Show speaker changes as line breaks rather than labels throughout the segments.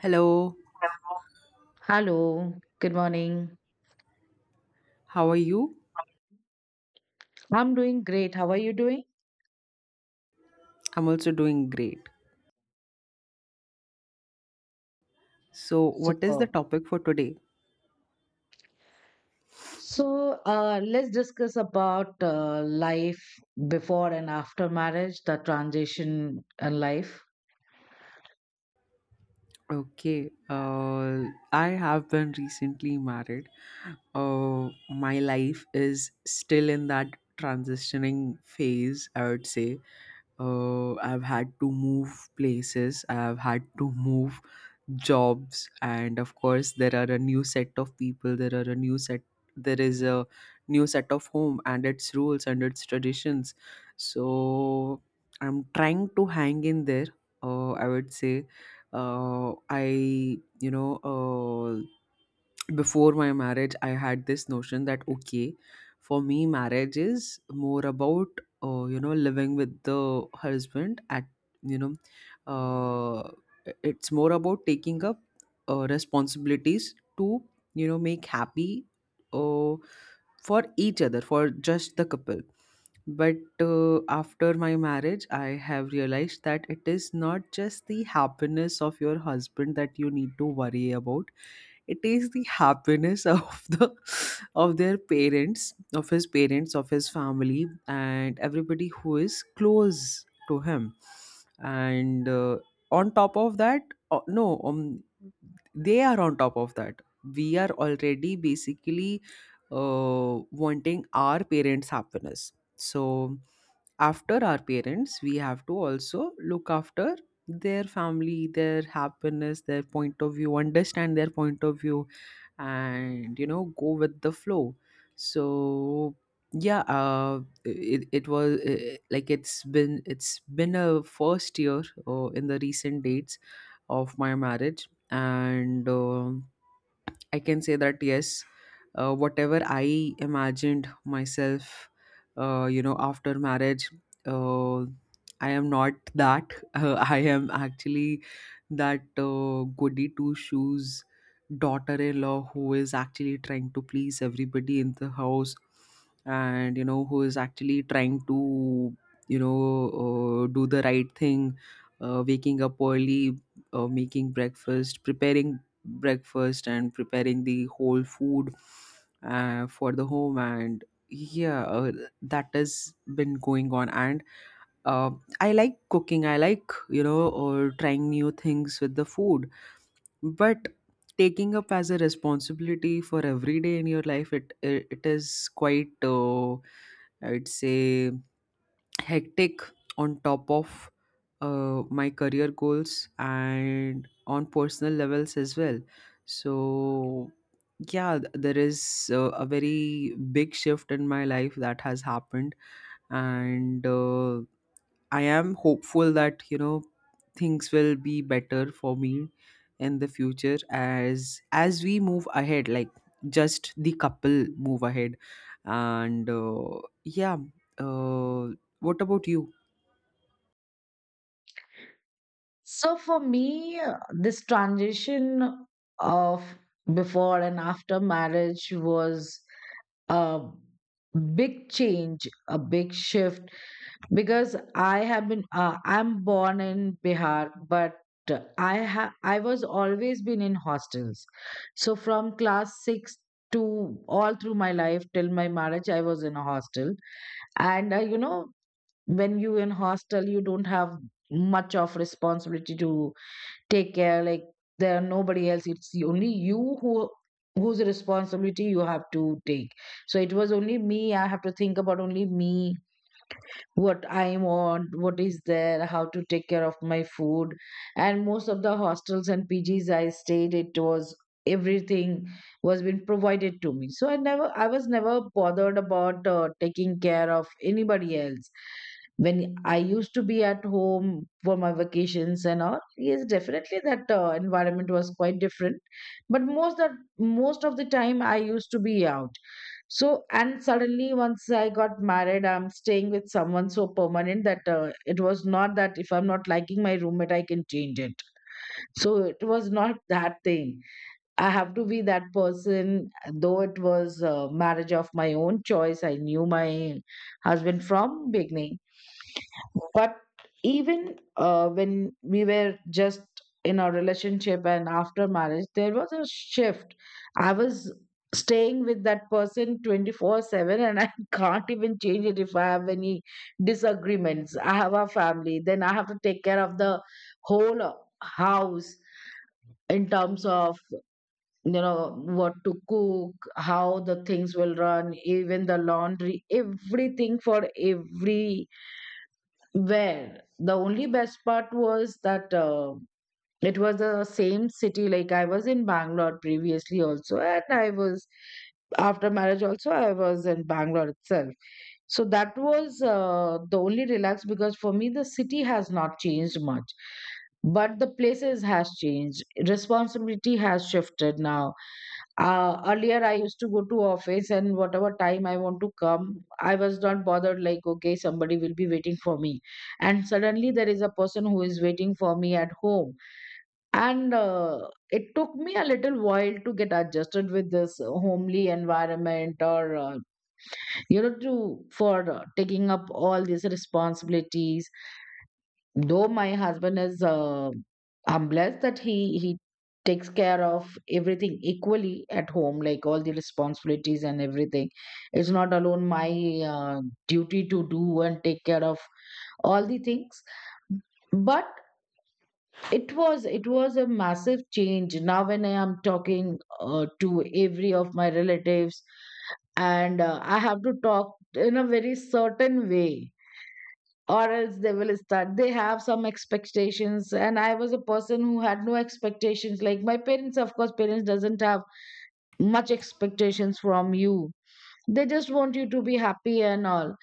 Hello,
Hello, good morning.
how are you?
I'm doing great. How are you doing?
I'm also doing great. So, what is the
Superb.
topic for today?
So, let's discuss about life before and after marriage, the transition in life.
Okay, I have been recently married. My life is still in that transitioning phase, I would say. I've had to move places, I've had to move jobs, and of course there are a new set of people, there are a new set, there is a new set of home and its rules and its traditions, so I'm trying to hang in there, I would say. I you know Before my marriage I had this notion that, okay, for me marriage is more about, you know, living with the husband at, you know, uh, it's more about taking up responsibilities to, you know, make happy, uh, for each other, for just the couple. But after my marriage I have realized that it is not just the happiness of your husband that you need to worry about, it is the happiness of their parents, of his parents, of his family, and everybody who is close to him. And on top of that, no they are on top of that, we are already basically uh, wanting our parents happiness. So after our parents we have to also look after their family, their happiness, their point of view, understand their point of view, and you know, go with the flow. So yeah, it was like it's been a first year in the recent dates of my marriage. And I can say that yes, whatever I imagined myself, you know, after marriage, uh, I am not that. I am actually that goody two shoes daughter-in-law who is actually trying to please everybody in the house, and you know, who is actually trying to, you know, do the right thing. Waking up early, making breakfast, preparing breakfast and preparing the whole food for the home. And yeah, that has been going on. And uh, I like cooking, I like, you know, or trying new things with the food. But taking up as a responsibility for every day in your life, it is quite, I'd say, hectic, on top of my career goals and on personal levels as well. So yeah, there is a very big shift in my life that has happened. And I am hopeful that, you know, things will be better for me in the future, as we move ahead, like just the couple move ahead. And uh, what about you?
So, for me, this transition of before and after marriage was a big change, a big shift, because I have been I'm born in Bihar, but I was always been in hostels. So from class 6 to all through my life till my marriage I was in a hostel. And you know, when you in hostel you don't have much of responsibility to take care, like there are nobody else, it's only you who whose responsibility you have to take. So it was only me, I have to think about only me, what I want, what is there, how to take care of my food. And most of the hostels and PGs I stayed, it was everything was being provided to me. So I was never bothered about taking care of anybody else. When I used to be at home for my vacations and all, yes, definitely that environment was quite different. But most of the time I used to be out. So, and suddenly, once I got married, I'm staying with someone so permanent that it was not that if I'm not liking my roommate, I can change it. So, it was not that thing. I have to be that person, though it was a marriage of my own choice. I knew my husband from beginning, but even when we were just in our relationship and after marriage, there was a shift. I was staying with that person 24/7 and I can't even change it if I have any disagreements. I have a family, then I have to take care of the whole house in terms of, you know, what to cook, how the things will run, even the laundry, everything for every where. The only best part was that it was the same city. Like I was in Bangalore previously also, and I was after marriage also I was in Bangalore itself. So that was the only relax, because for me the city has not changed much, but the places has changed. Responsibility has shifted now. Earlier I used to go to office and whatever time I want to come, I was not bothered like okay somebody will be waiting for me, and suddenly there is a person who is waiting for me at home, and it took me a little while to get adjusted with this homely environment or you know to for taking up all these responsibilities. Though my husband is I'm blessed that he takes care of everything equally at home, like all the responsibilities and everything, it's not alone my uh, duty to do and take care of all the things. But it was a massive change. Now when I am talking to every of my relatives, and I have to talk in a very certain way, or else they will start, they have some expectations. And I was a person who had no expectations, like my parents, of course parents doesn't have much expectations from you, they just want you to be happy and all.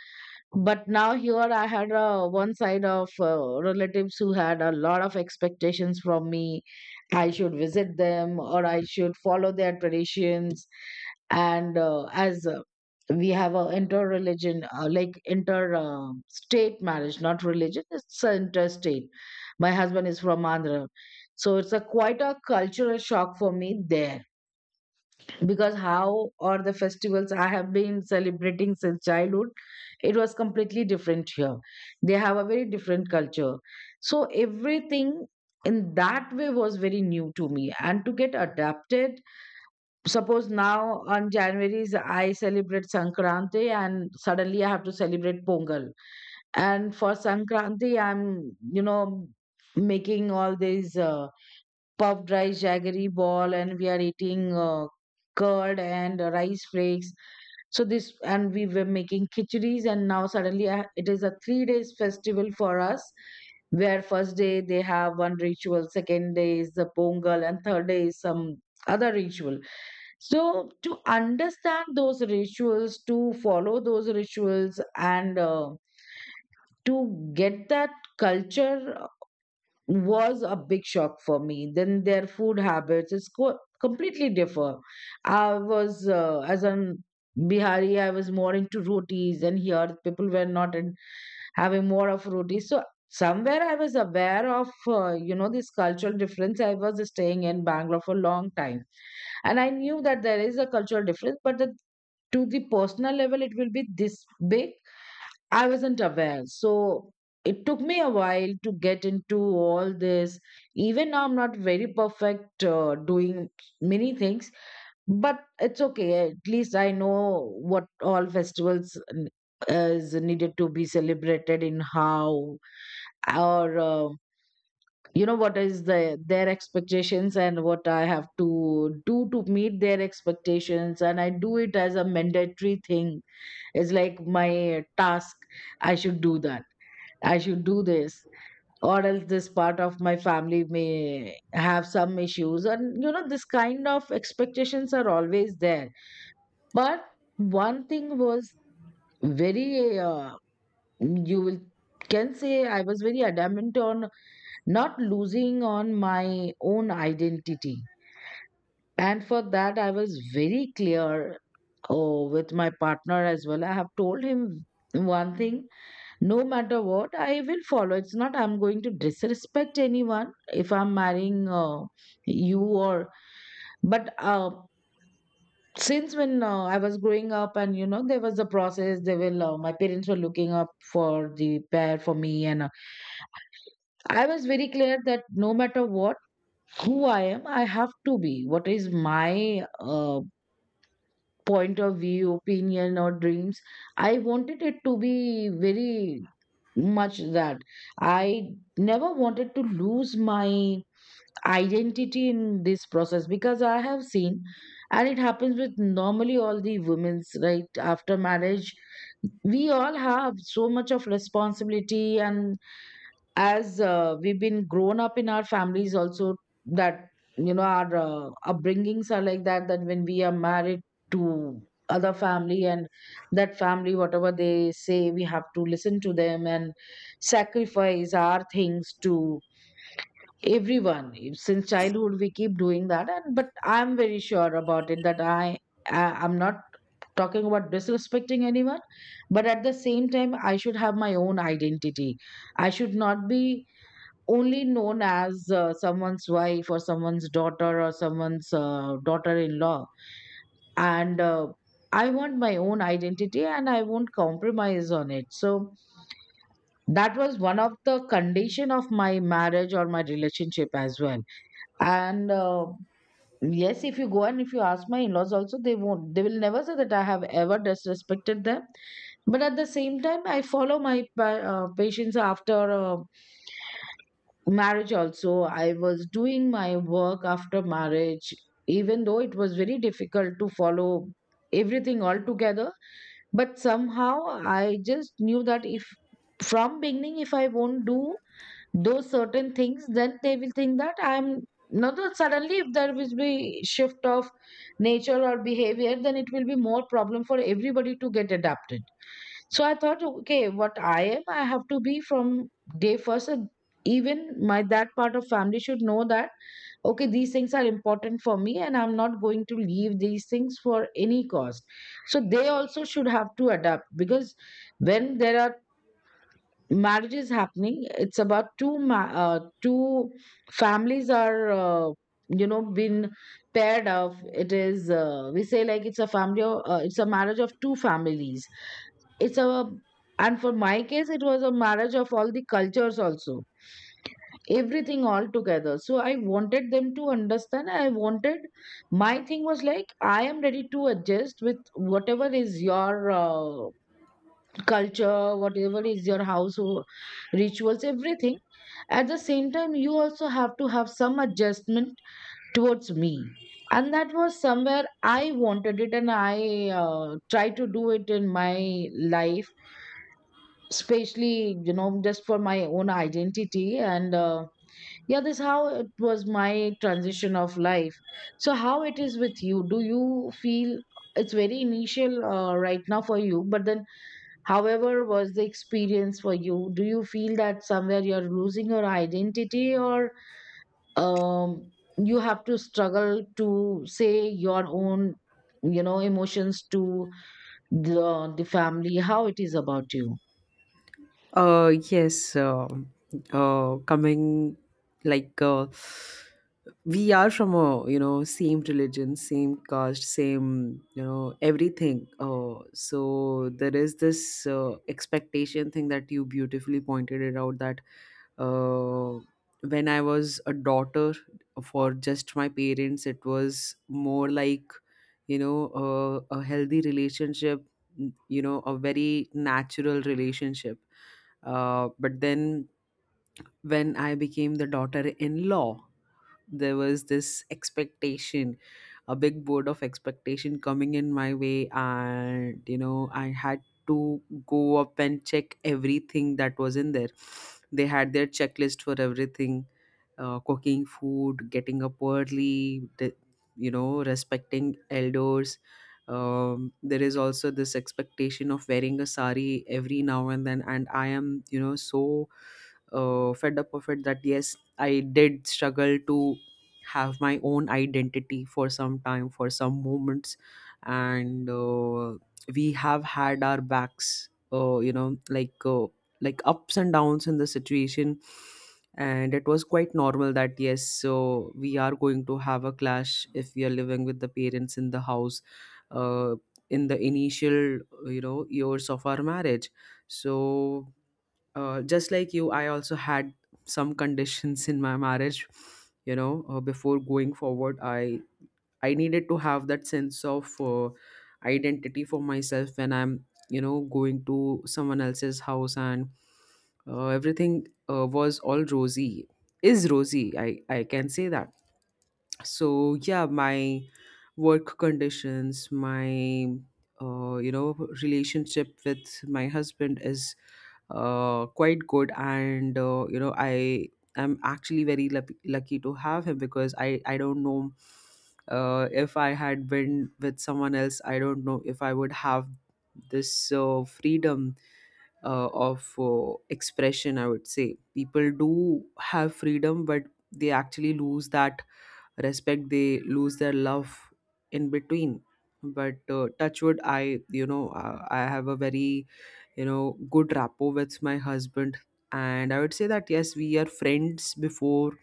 But now here I had one side of relatives who had a lot of expectations from me. I should visit them or I should follow their traditions. And as we have a inter-religion, like inter state marriage, not religion, it's a interstate. My husband is from Andhra, so it's a quite a cultural shock for me there. Because how are the festivals I have been celebrating since childhood, it was completely different here. They have a very different culture. So everything in that way was very new to me and to get adapted. Suppose now on January's I celebrate Sankranti and suddenly I have to celebrate Pongal. And for Sankranti, I'm, you know, making all these puffed rice jaggery ball, and we are eating curd and rice flakes. So this, and we were making khichiris. And now suddenly I, it is a 3 days festival for us, where first day they have one ritual, second day is the Pongal and third day is some other ritual. So, to understand those rituals, to follow those rituals, and to get that culture was a big shock for me. Then their food habits is completely differ. I was, as an Bihari, I was more into rotis, and here people were not in, having more of rotis. So, somewhere I was aware of, you know, this cultural difference. I was staying in Bangalore for a long time and I knew that there is a cultural difference, but the to the personal level it will be this big I wasn't aware. So it took me a while to get into all this. Even now I'm not very perfect doing many things, but it's okay, at least I know what all festivals is needed to be celebrated in how, or you know what is the their expectations and what I have to do to meet their expectations. And I do it as a mandatory thing, it's like my task. I should do that. I should do this. Or else this part of my family may have some issues. And, you know, this kind of expectations are always there. But one thing was very, you will can say I was very adamant on not losing on my own identity. And for that, I was very clear oh, with my partner as well. I have told him one thing. No matter what, I will follow. It's not I'm going to disrespect anyone if I'm marrying you or. But since when I was growing up, and you know, there was a process. They will. My parents were looking up for the pair for me, and I was very clear that no matter what, who I am, I have to be. What is my point of view, opinion, or dreams? I wanted it to be very much that I never wanted to lose my identity in this process, because I have seen, and it happens with normally all the women's right after marriage. We all have so much of responsibility, and as we've been grown up in our families also, that you know our upbringings are like that, that when we are married to other family, and that family whatever they say we have to listen to them and sacrifice our things to everyone. Since childhood we keep doing that. And but I'm very sure about it that I'm not talking about disrespecting anyone, but at the same time I should have my own identity. I should not be only known as someone's wife or someone's daughter or someone's daughter-in-law. And I want my own identity and I won't compromise on it. So that was one of the condition of my marriage or my relationship as well. And yes, if you go and if you ask my in-laws also, they won't, they will never say that I have ever disrespected them. But at the same time I follow my patients. After marriage also I was doing my work after marriage, even though it was very difficult to follow everything all together. But somehow I just knew that if from beginning if I won't do those certain things, then they will think that I'm not that. Suddenly if there will be shift of nature or behavior, then it will be more problem for everybody to get adapted. So I thought, okay, what I am, I have to be from day first. And even my that part of family should know that okay, these things are important for me, and I'm not going to leave these things for any cost. So they also should have to adapt. Because when there are marriage is happening, it's about two families are you know been paired of. It is we say like it's a it's a marriage of two families. It's a and for my case it was a marriage of all the cultures also, everything all together. So I wanted them to understand, I wanted, my thing was like I am ready to adjust with whatever is your culture, whatever is your household rituals, everything. At the same time, you also have to have some adjustment towards me. And that was somewhere I wanted it, and I try to do it in my life, especially, you know, just for my own identity. And yeah, this how it was my transition of life. So, how it is with you? Do you feel it's very initial right now for you, but then however, was the experience for you? Do you feel that somewhere you're losing your identity, or um, you have to struggle to say your own, you know, emotions to the family? How it is about you?
Yes. Coming, like we are from a, you know, same religion, same caste, same, you know, everything. So there is this expectation thing that you beautifully pointed it out, that uh, when I was a daughter for just my parents, it was more like, you know, a healthy relationship, you know, a very natural relationship. But then when I became the daughter in law, there was this expectation, a big board of expectation coming in my way, and you know, I had to go up and check everything that was in there. They had their checklist for everything: cooking food, getting up early, you know, respecting elders. There is also this expectation of wearing a sari every now and then, and I am, you know, so fed up of it that yes, I did struggle to have my own identity for some time, for some moments. And we have had our backs, you know, like ups and downs in the situation. And it was quite normal that yes, so we are going to have a clash if we are living with the parents in the house, uh, in the initial, you know, years of our marriage. So just like you, I also had some conditions in my marriage. You know, before going forward, I needed to have that sense of identity for myself when I'm, you know, going to someone else's house. And everything was all rosy, is rosy, I can say that. So yeah, my work conditions, my you know, relationship with my husband is quite good. And you know, I am actually very lucky, lucky to have him, because I don't know if I had been with someone else, I don't know if I would have this freedom of expression, I would say. People do have freedom, but they actually lose that respect, they lose their love in between. But touchwood, I you know, I have a very, you know, good rapport with my husband. And I would say that yes, we are friends before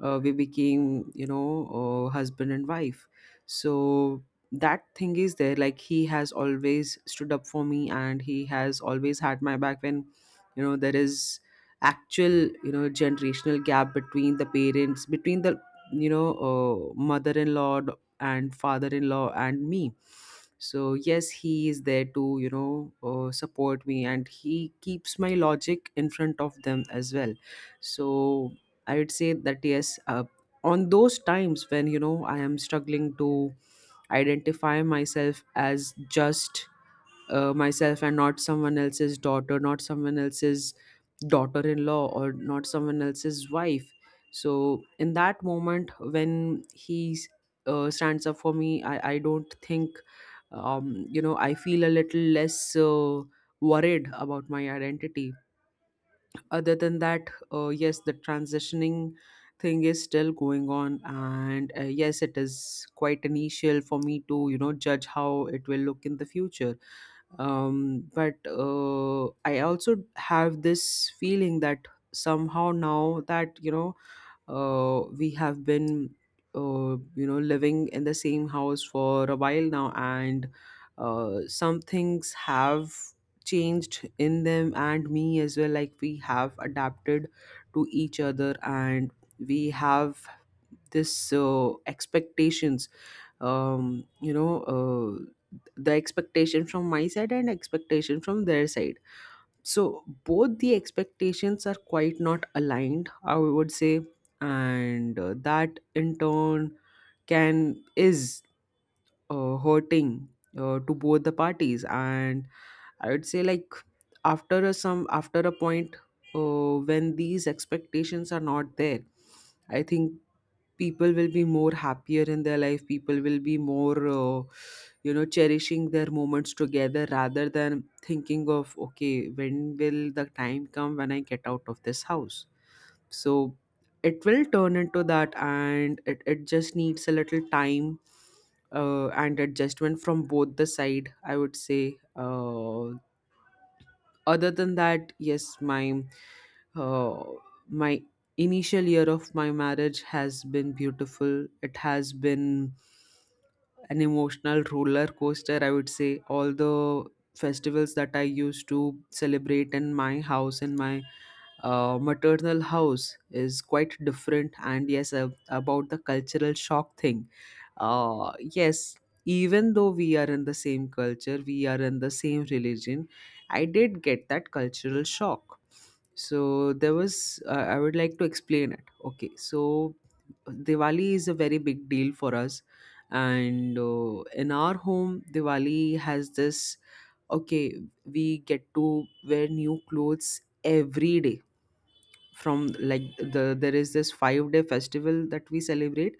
we became, you know, husband and wife. So that thing is there, like he has always stood up for me, and he has always had my back when, you know, there is actual, you know, generational gap between the parents, between the, you know, mother-in-law and father-in-law and me. So yes, he is there to, you know, support me, and he keeps my logic in front of them as well. So I would say that yes, on those times when, you know, I am struggling to identify myself as just myself, and not someone else's daughter, not someone else's daughter-in-law, or not someone else's wife. So in that moment, when he stands up for me, I don't think, you know, I feel a little less worried about my identity. Other than that, yes, the transitioning thing is still going on. And yes, it is quite initial for me to, you know, judge how it will look in the future. But I also have this feeling that somehow, now that, you know, we have been, you know, living in the same house for a while now. And some things have changed in them and me as well, like we have adapted to each other. And we have this expectations, you know, the expectation from my side and expectation from their side. So both the expectations are quite not aligned, I would say. And that in turn can is hurting to both the parties. And I would say, like, after a point, when these expectations are not there, I think people will be more happier in their life, people will be more, you know, cherishing their moments together rather than thinking of okay, when will the time come when I get out of this house. So it will turn into that, and it just needs a little time and adjustment from both the side, I would say. Other than that, yes, uh, my initial year of my marriage has been beautiful. It has been an emotional roller coaster, I would say. All the festivals that I used to celebrate in my house, in my maternal house, is quite different. And yes, about the cultural shock thing, yes, even though we are in the same culture, we are in the same religion, I did get that cultural shock. So there was, I would like to explain it. Okay, so Diwali is a very big deal for us. And in our home, Diwali has this, okay, we get to wear new clothes every day. From, like there is this 5-day festival that we celebrate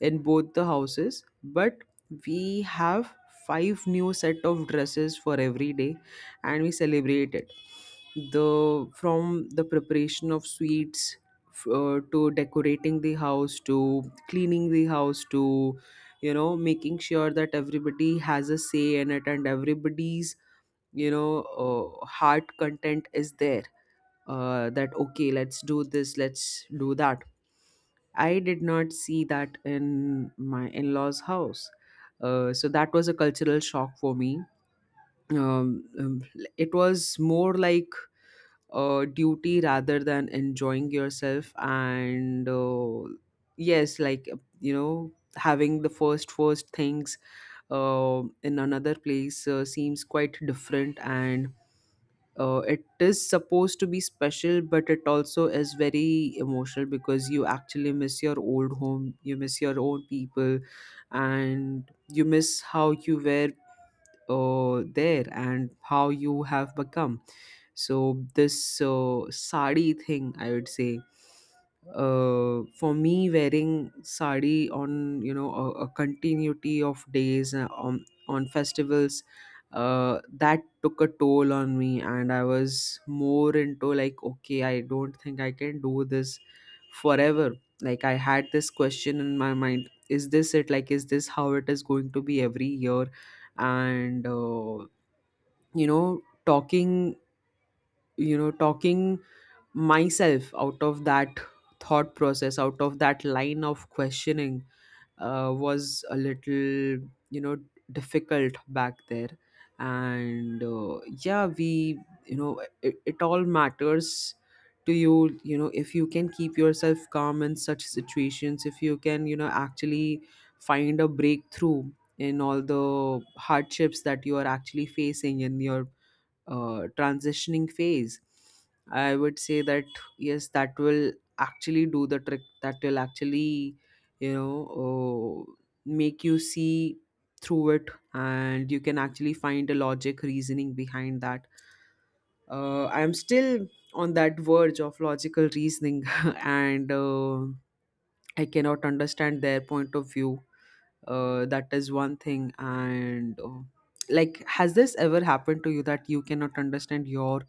in both the houses, but we have five new set of dresses for every day, and we celebrate it, the from the preparation of sweets, to decorating the house, to cleaning the house, to, you know, making sure that everybody has a say in it and everybody's, you know, heart content is there, that okay, let's do this, let's do that. I did not see that in my in-laws house. So that was a cultural shock for me. um, um, it was more like a duty rather than enjoying yourself. And yes, like you know, having the first things in another place seems quite different. And it is supposed to be special, but it also is very emotional, because you actually miss your old home, you miss your own people, and you miss how you were there, and how you have become. So this sari thing, I would say, for me, wearing sari on, you know, a continuity of days, on festivals, that took a toll on me. And I was more into like, okay, I don't think I can do this forever. Like I had this question in my mind: Is this it? Like, is this how it is going to be every year? And you know, talking myself out of that thought process, out of that line of questioning, was a little, you know, difficult back there. And yeah, we you know, it all matters to you, you know, if you can keep yourself calm in such situations, if you can, you know, actually find a breakthrough in all the hardships that you are actually facing in your transitioning phase. I would say that yes, that will actually do the trick, that will actually, you know, make you see through it, and you can actually find a logic reasoning behind that. I'm still on that verge of logical reasoning. And I cannot understand their point of view, that is one thing. And like, has this ever happened to you that you cannot understand your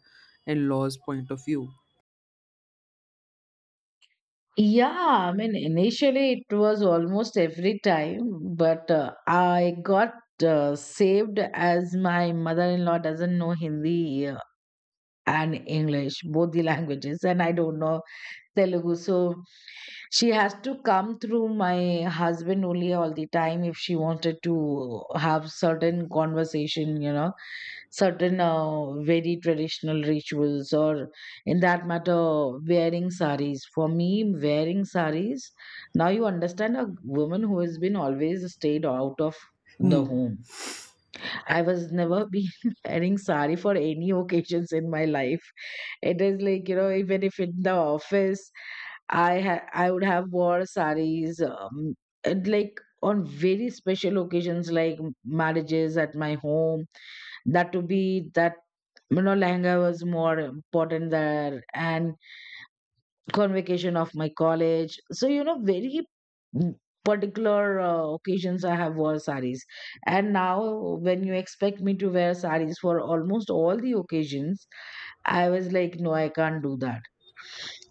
in-laws point of view?
Yeah, I mean, initially it was almost every time, but I got saved as my mother-in-law doesn't know Hindi and English, both the languages, and I don't know Telugu. So she has to come through my husband only all the time if she wanted to have certain conversation, you know, certain very traditional rituals or in that matter wearing saris. For me, wearing saris, now you understand a woman who has been always stayed out of the
Hmm.
home. I was never been wearing sari for any occasions in my life. It is like, you know, even if in the office, I would have wore saris and like on very special occasions like marriages at my home. That to be that, you know, lehenga was more important there, and convocation of my college. So, you know, very particular occasions I have wore saris. And now, when you expect me to wear saris for almost all the occasions, I was like, no, I can't do that.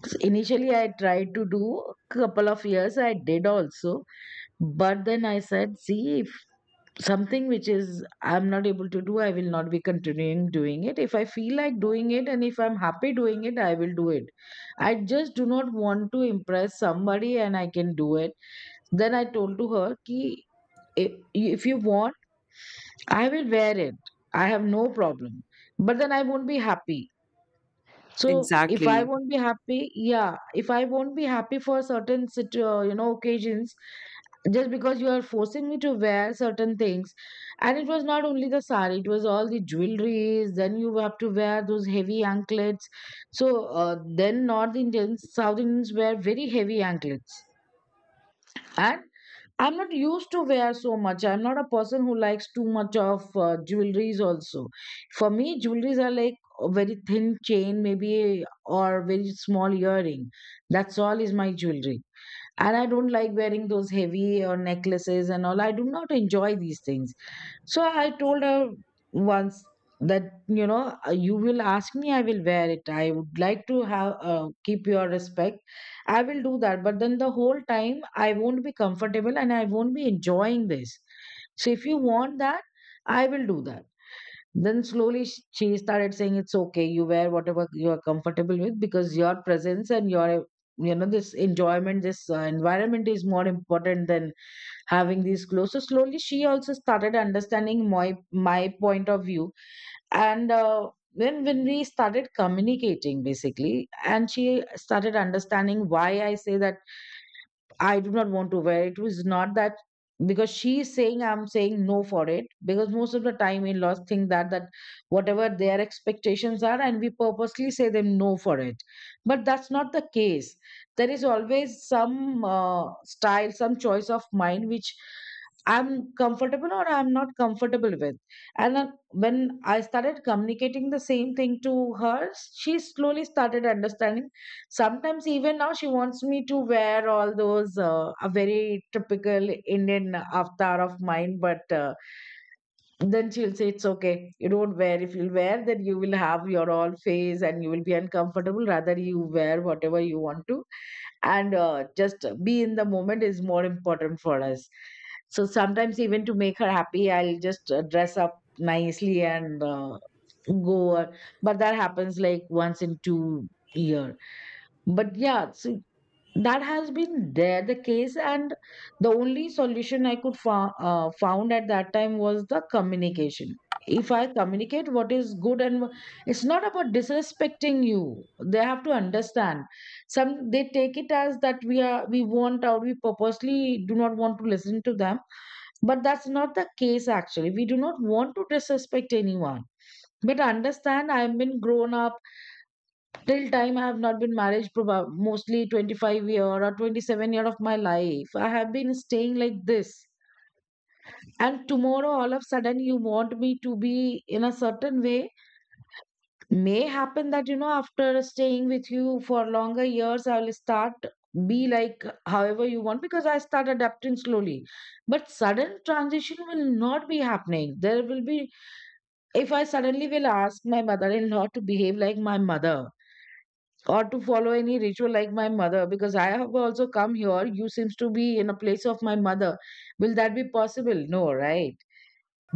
So initially, I tried to do a couple of years, I did also. But then I said, see, something which is I'm not able to do, I will not be continuing doing it. If I feel like doing it and if I'm happy doing it, I will do it. I just do not want to impress somebody and I can do it. Then I told to her ki, if you want, I will wear it, I have no problem, but then I won't be happy. So if I
Exactly.
won't be happy, yeah, if I won't be happy for certain you know, occasions, just because you are forcing me to wear certain things. And it was not only the sari, it was all the jewelries. Then you have to wear those heavy anklets. So then north Indians, south Indians wear very heavy anklets. And I'm not used to wear so much. I'm not a person who likes too much of jewelries also. For me, jewelries are like a very thin chain maybe or very small earring. That's all is my jewelry. And I don't like wearing those heavy or necklaces and all. I do not enjoy these things. So I told her once that, you know, you will ask me, I will wear it. I would like to have keep your respect. I will do that, but then the whole time I won't be comfortable and I won't be enjoying this. So if you want that, I will do that. Then slowly she started saying, it's okay, you wear whatever you are comfortable with because your presence and your, you know, this enjoyment, this environment is more important than having these clothes. So slowly she also started understanding my point of view. And when we started communicating, basically, and she started understanding why I say that I do not want to wear it. It was not that because she is saying I'm saying no for it. Because most of the time in laws think that whatever their expectations are, and we purposely say them no for it. But that's not the case. There is always some style, some choice of mine which I'm comfortable or I'm not comfortable with. And when I started communicating the same thing to her, she slowly started understanding. Sometimes even now she wants me to wear all those a very typical Indian avatar of mine, but then she'll say it's okay. You don't wear. If you wear, then you will have your all face and you will be uncomfortable. Rather, you wear whatever you want to, and just be in the moment is more important for us. So sometimes even to make her happy, I'll just dress up nicely and go. But that happens like once in 2 years. But yeah, so that has been there the case, and the only solution I could found at that time was the communication. If I communicate what is good and it's not about disrespecting you. They have to understand. Some they take it as that we want out, we purposely do not want to listen to them. But that's not the case actually. We do not want to disrespect anyone. But understand, I've been grown up till time I have not been married, probably mostly 25 year or 27 year of my life I have been staying like this. And tomorrow all of a sudden you want me to be in a certain way. May happen that, you know, after staying with you for longer years I will start be like however you want, because I start adapting slowly. But sudden transition will not be happening. There will be, if I suddenly will ask my mother-in-law to behave like my mother or to follow any ritual like my mother, because I have also come here, you seems to be in a place of my mother. Will that be possible? No, right?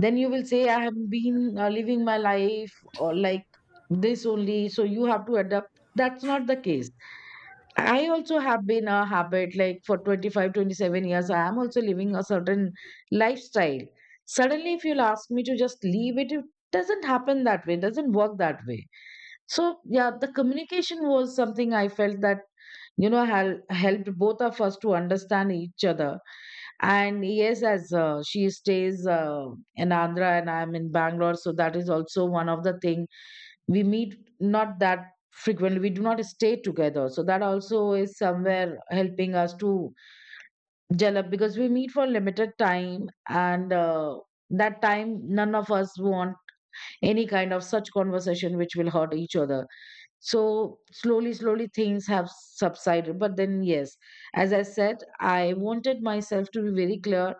Then you will say I have been living my life or like this only, so you have to adapt. That's not the case. I also have been a habit like for 25, 27 years. I am also living a certain lifestyle. Suddenly if you'll ask me to just leave it, it doesn't happen that way, doesn't work that way. So, yeah, the communication was something I felt that, you know, helped both of us to understand each other. And yes, as she stays in Andhra and I'm in Bangalore, so that is also one of the thing. We meet not that frequently. We do not stay together. So that also is somewhere helping us to gel up because we meet for limited time and that time none of us want any kind of such conversation which will hurt each other. So slowly slowly things have subsided, but then yes, as I said, I wanted myself to be very clear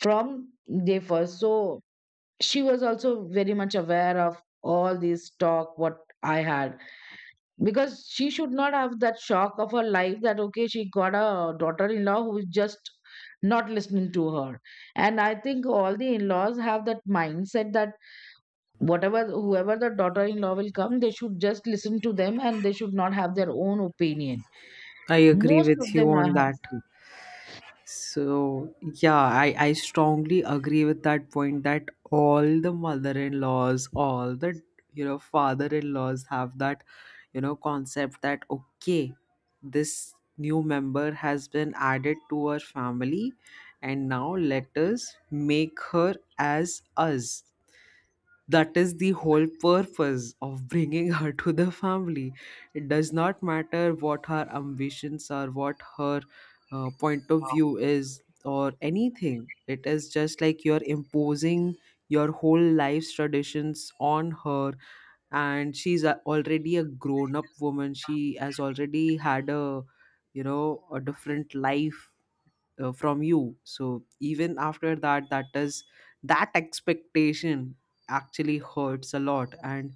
from day first. So she was also very much aware of all this talk what I had, because she should not have that shock of her life that okay, she got a daughter-in-law who is just not listening to her. And I think all the in-laws have that mindset that whatever whoever the daughter-in-law will come, they should just listen to them and they should not have their own opinion.
I agree
Most of
with you
them I
on
have
that.
seen.
So yeah, I strongly agree with that point that all the mother-in-laws, all the, you know, father-in-laws have that, you know, concept that, okay, this new member has been added to our family, and now let us make her as us. That is the whole purpose of bringing her to the family. It does not matter what her ambitions are, what her point of view is, or anything. It is just like you're imposing your whole life's traditions on her. And she's already a grown up woman, she has already had a, you know, a different life from you. So even after that, that is that expectation actually hurts a lot. And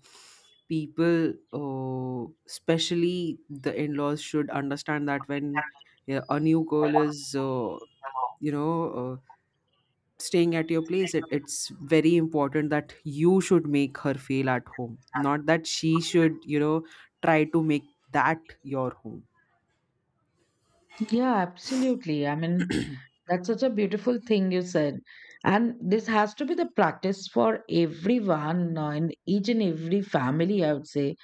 people, especially the in-laws, should understand that when, yeah, a new girl is you know, uh, staying at your place, it's very important that you should make her feel at home, not that she should, you know, try to make that your home.
Yeah, absolutely, I mean, that's such a beautiful thing you said, and this has to be the practice for everyone in each and every family, I would say.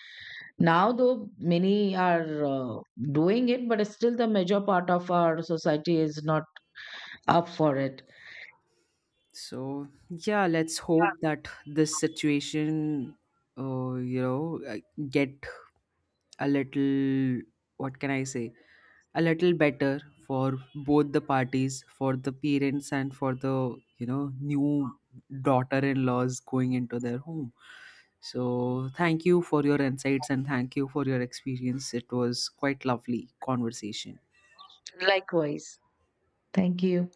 Now though many are doing it, but still the major part of our society is not up for it.
So yeah, let's
Yeah,
hope that this situation, you know, get a little, what can I say, a little better for both the parties, for the parents and for the, you know, new daughter-in-laws going into their home. So thank you for your insights, and thank you for your experience. It was quite lovely conversation.
likewise, thank you.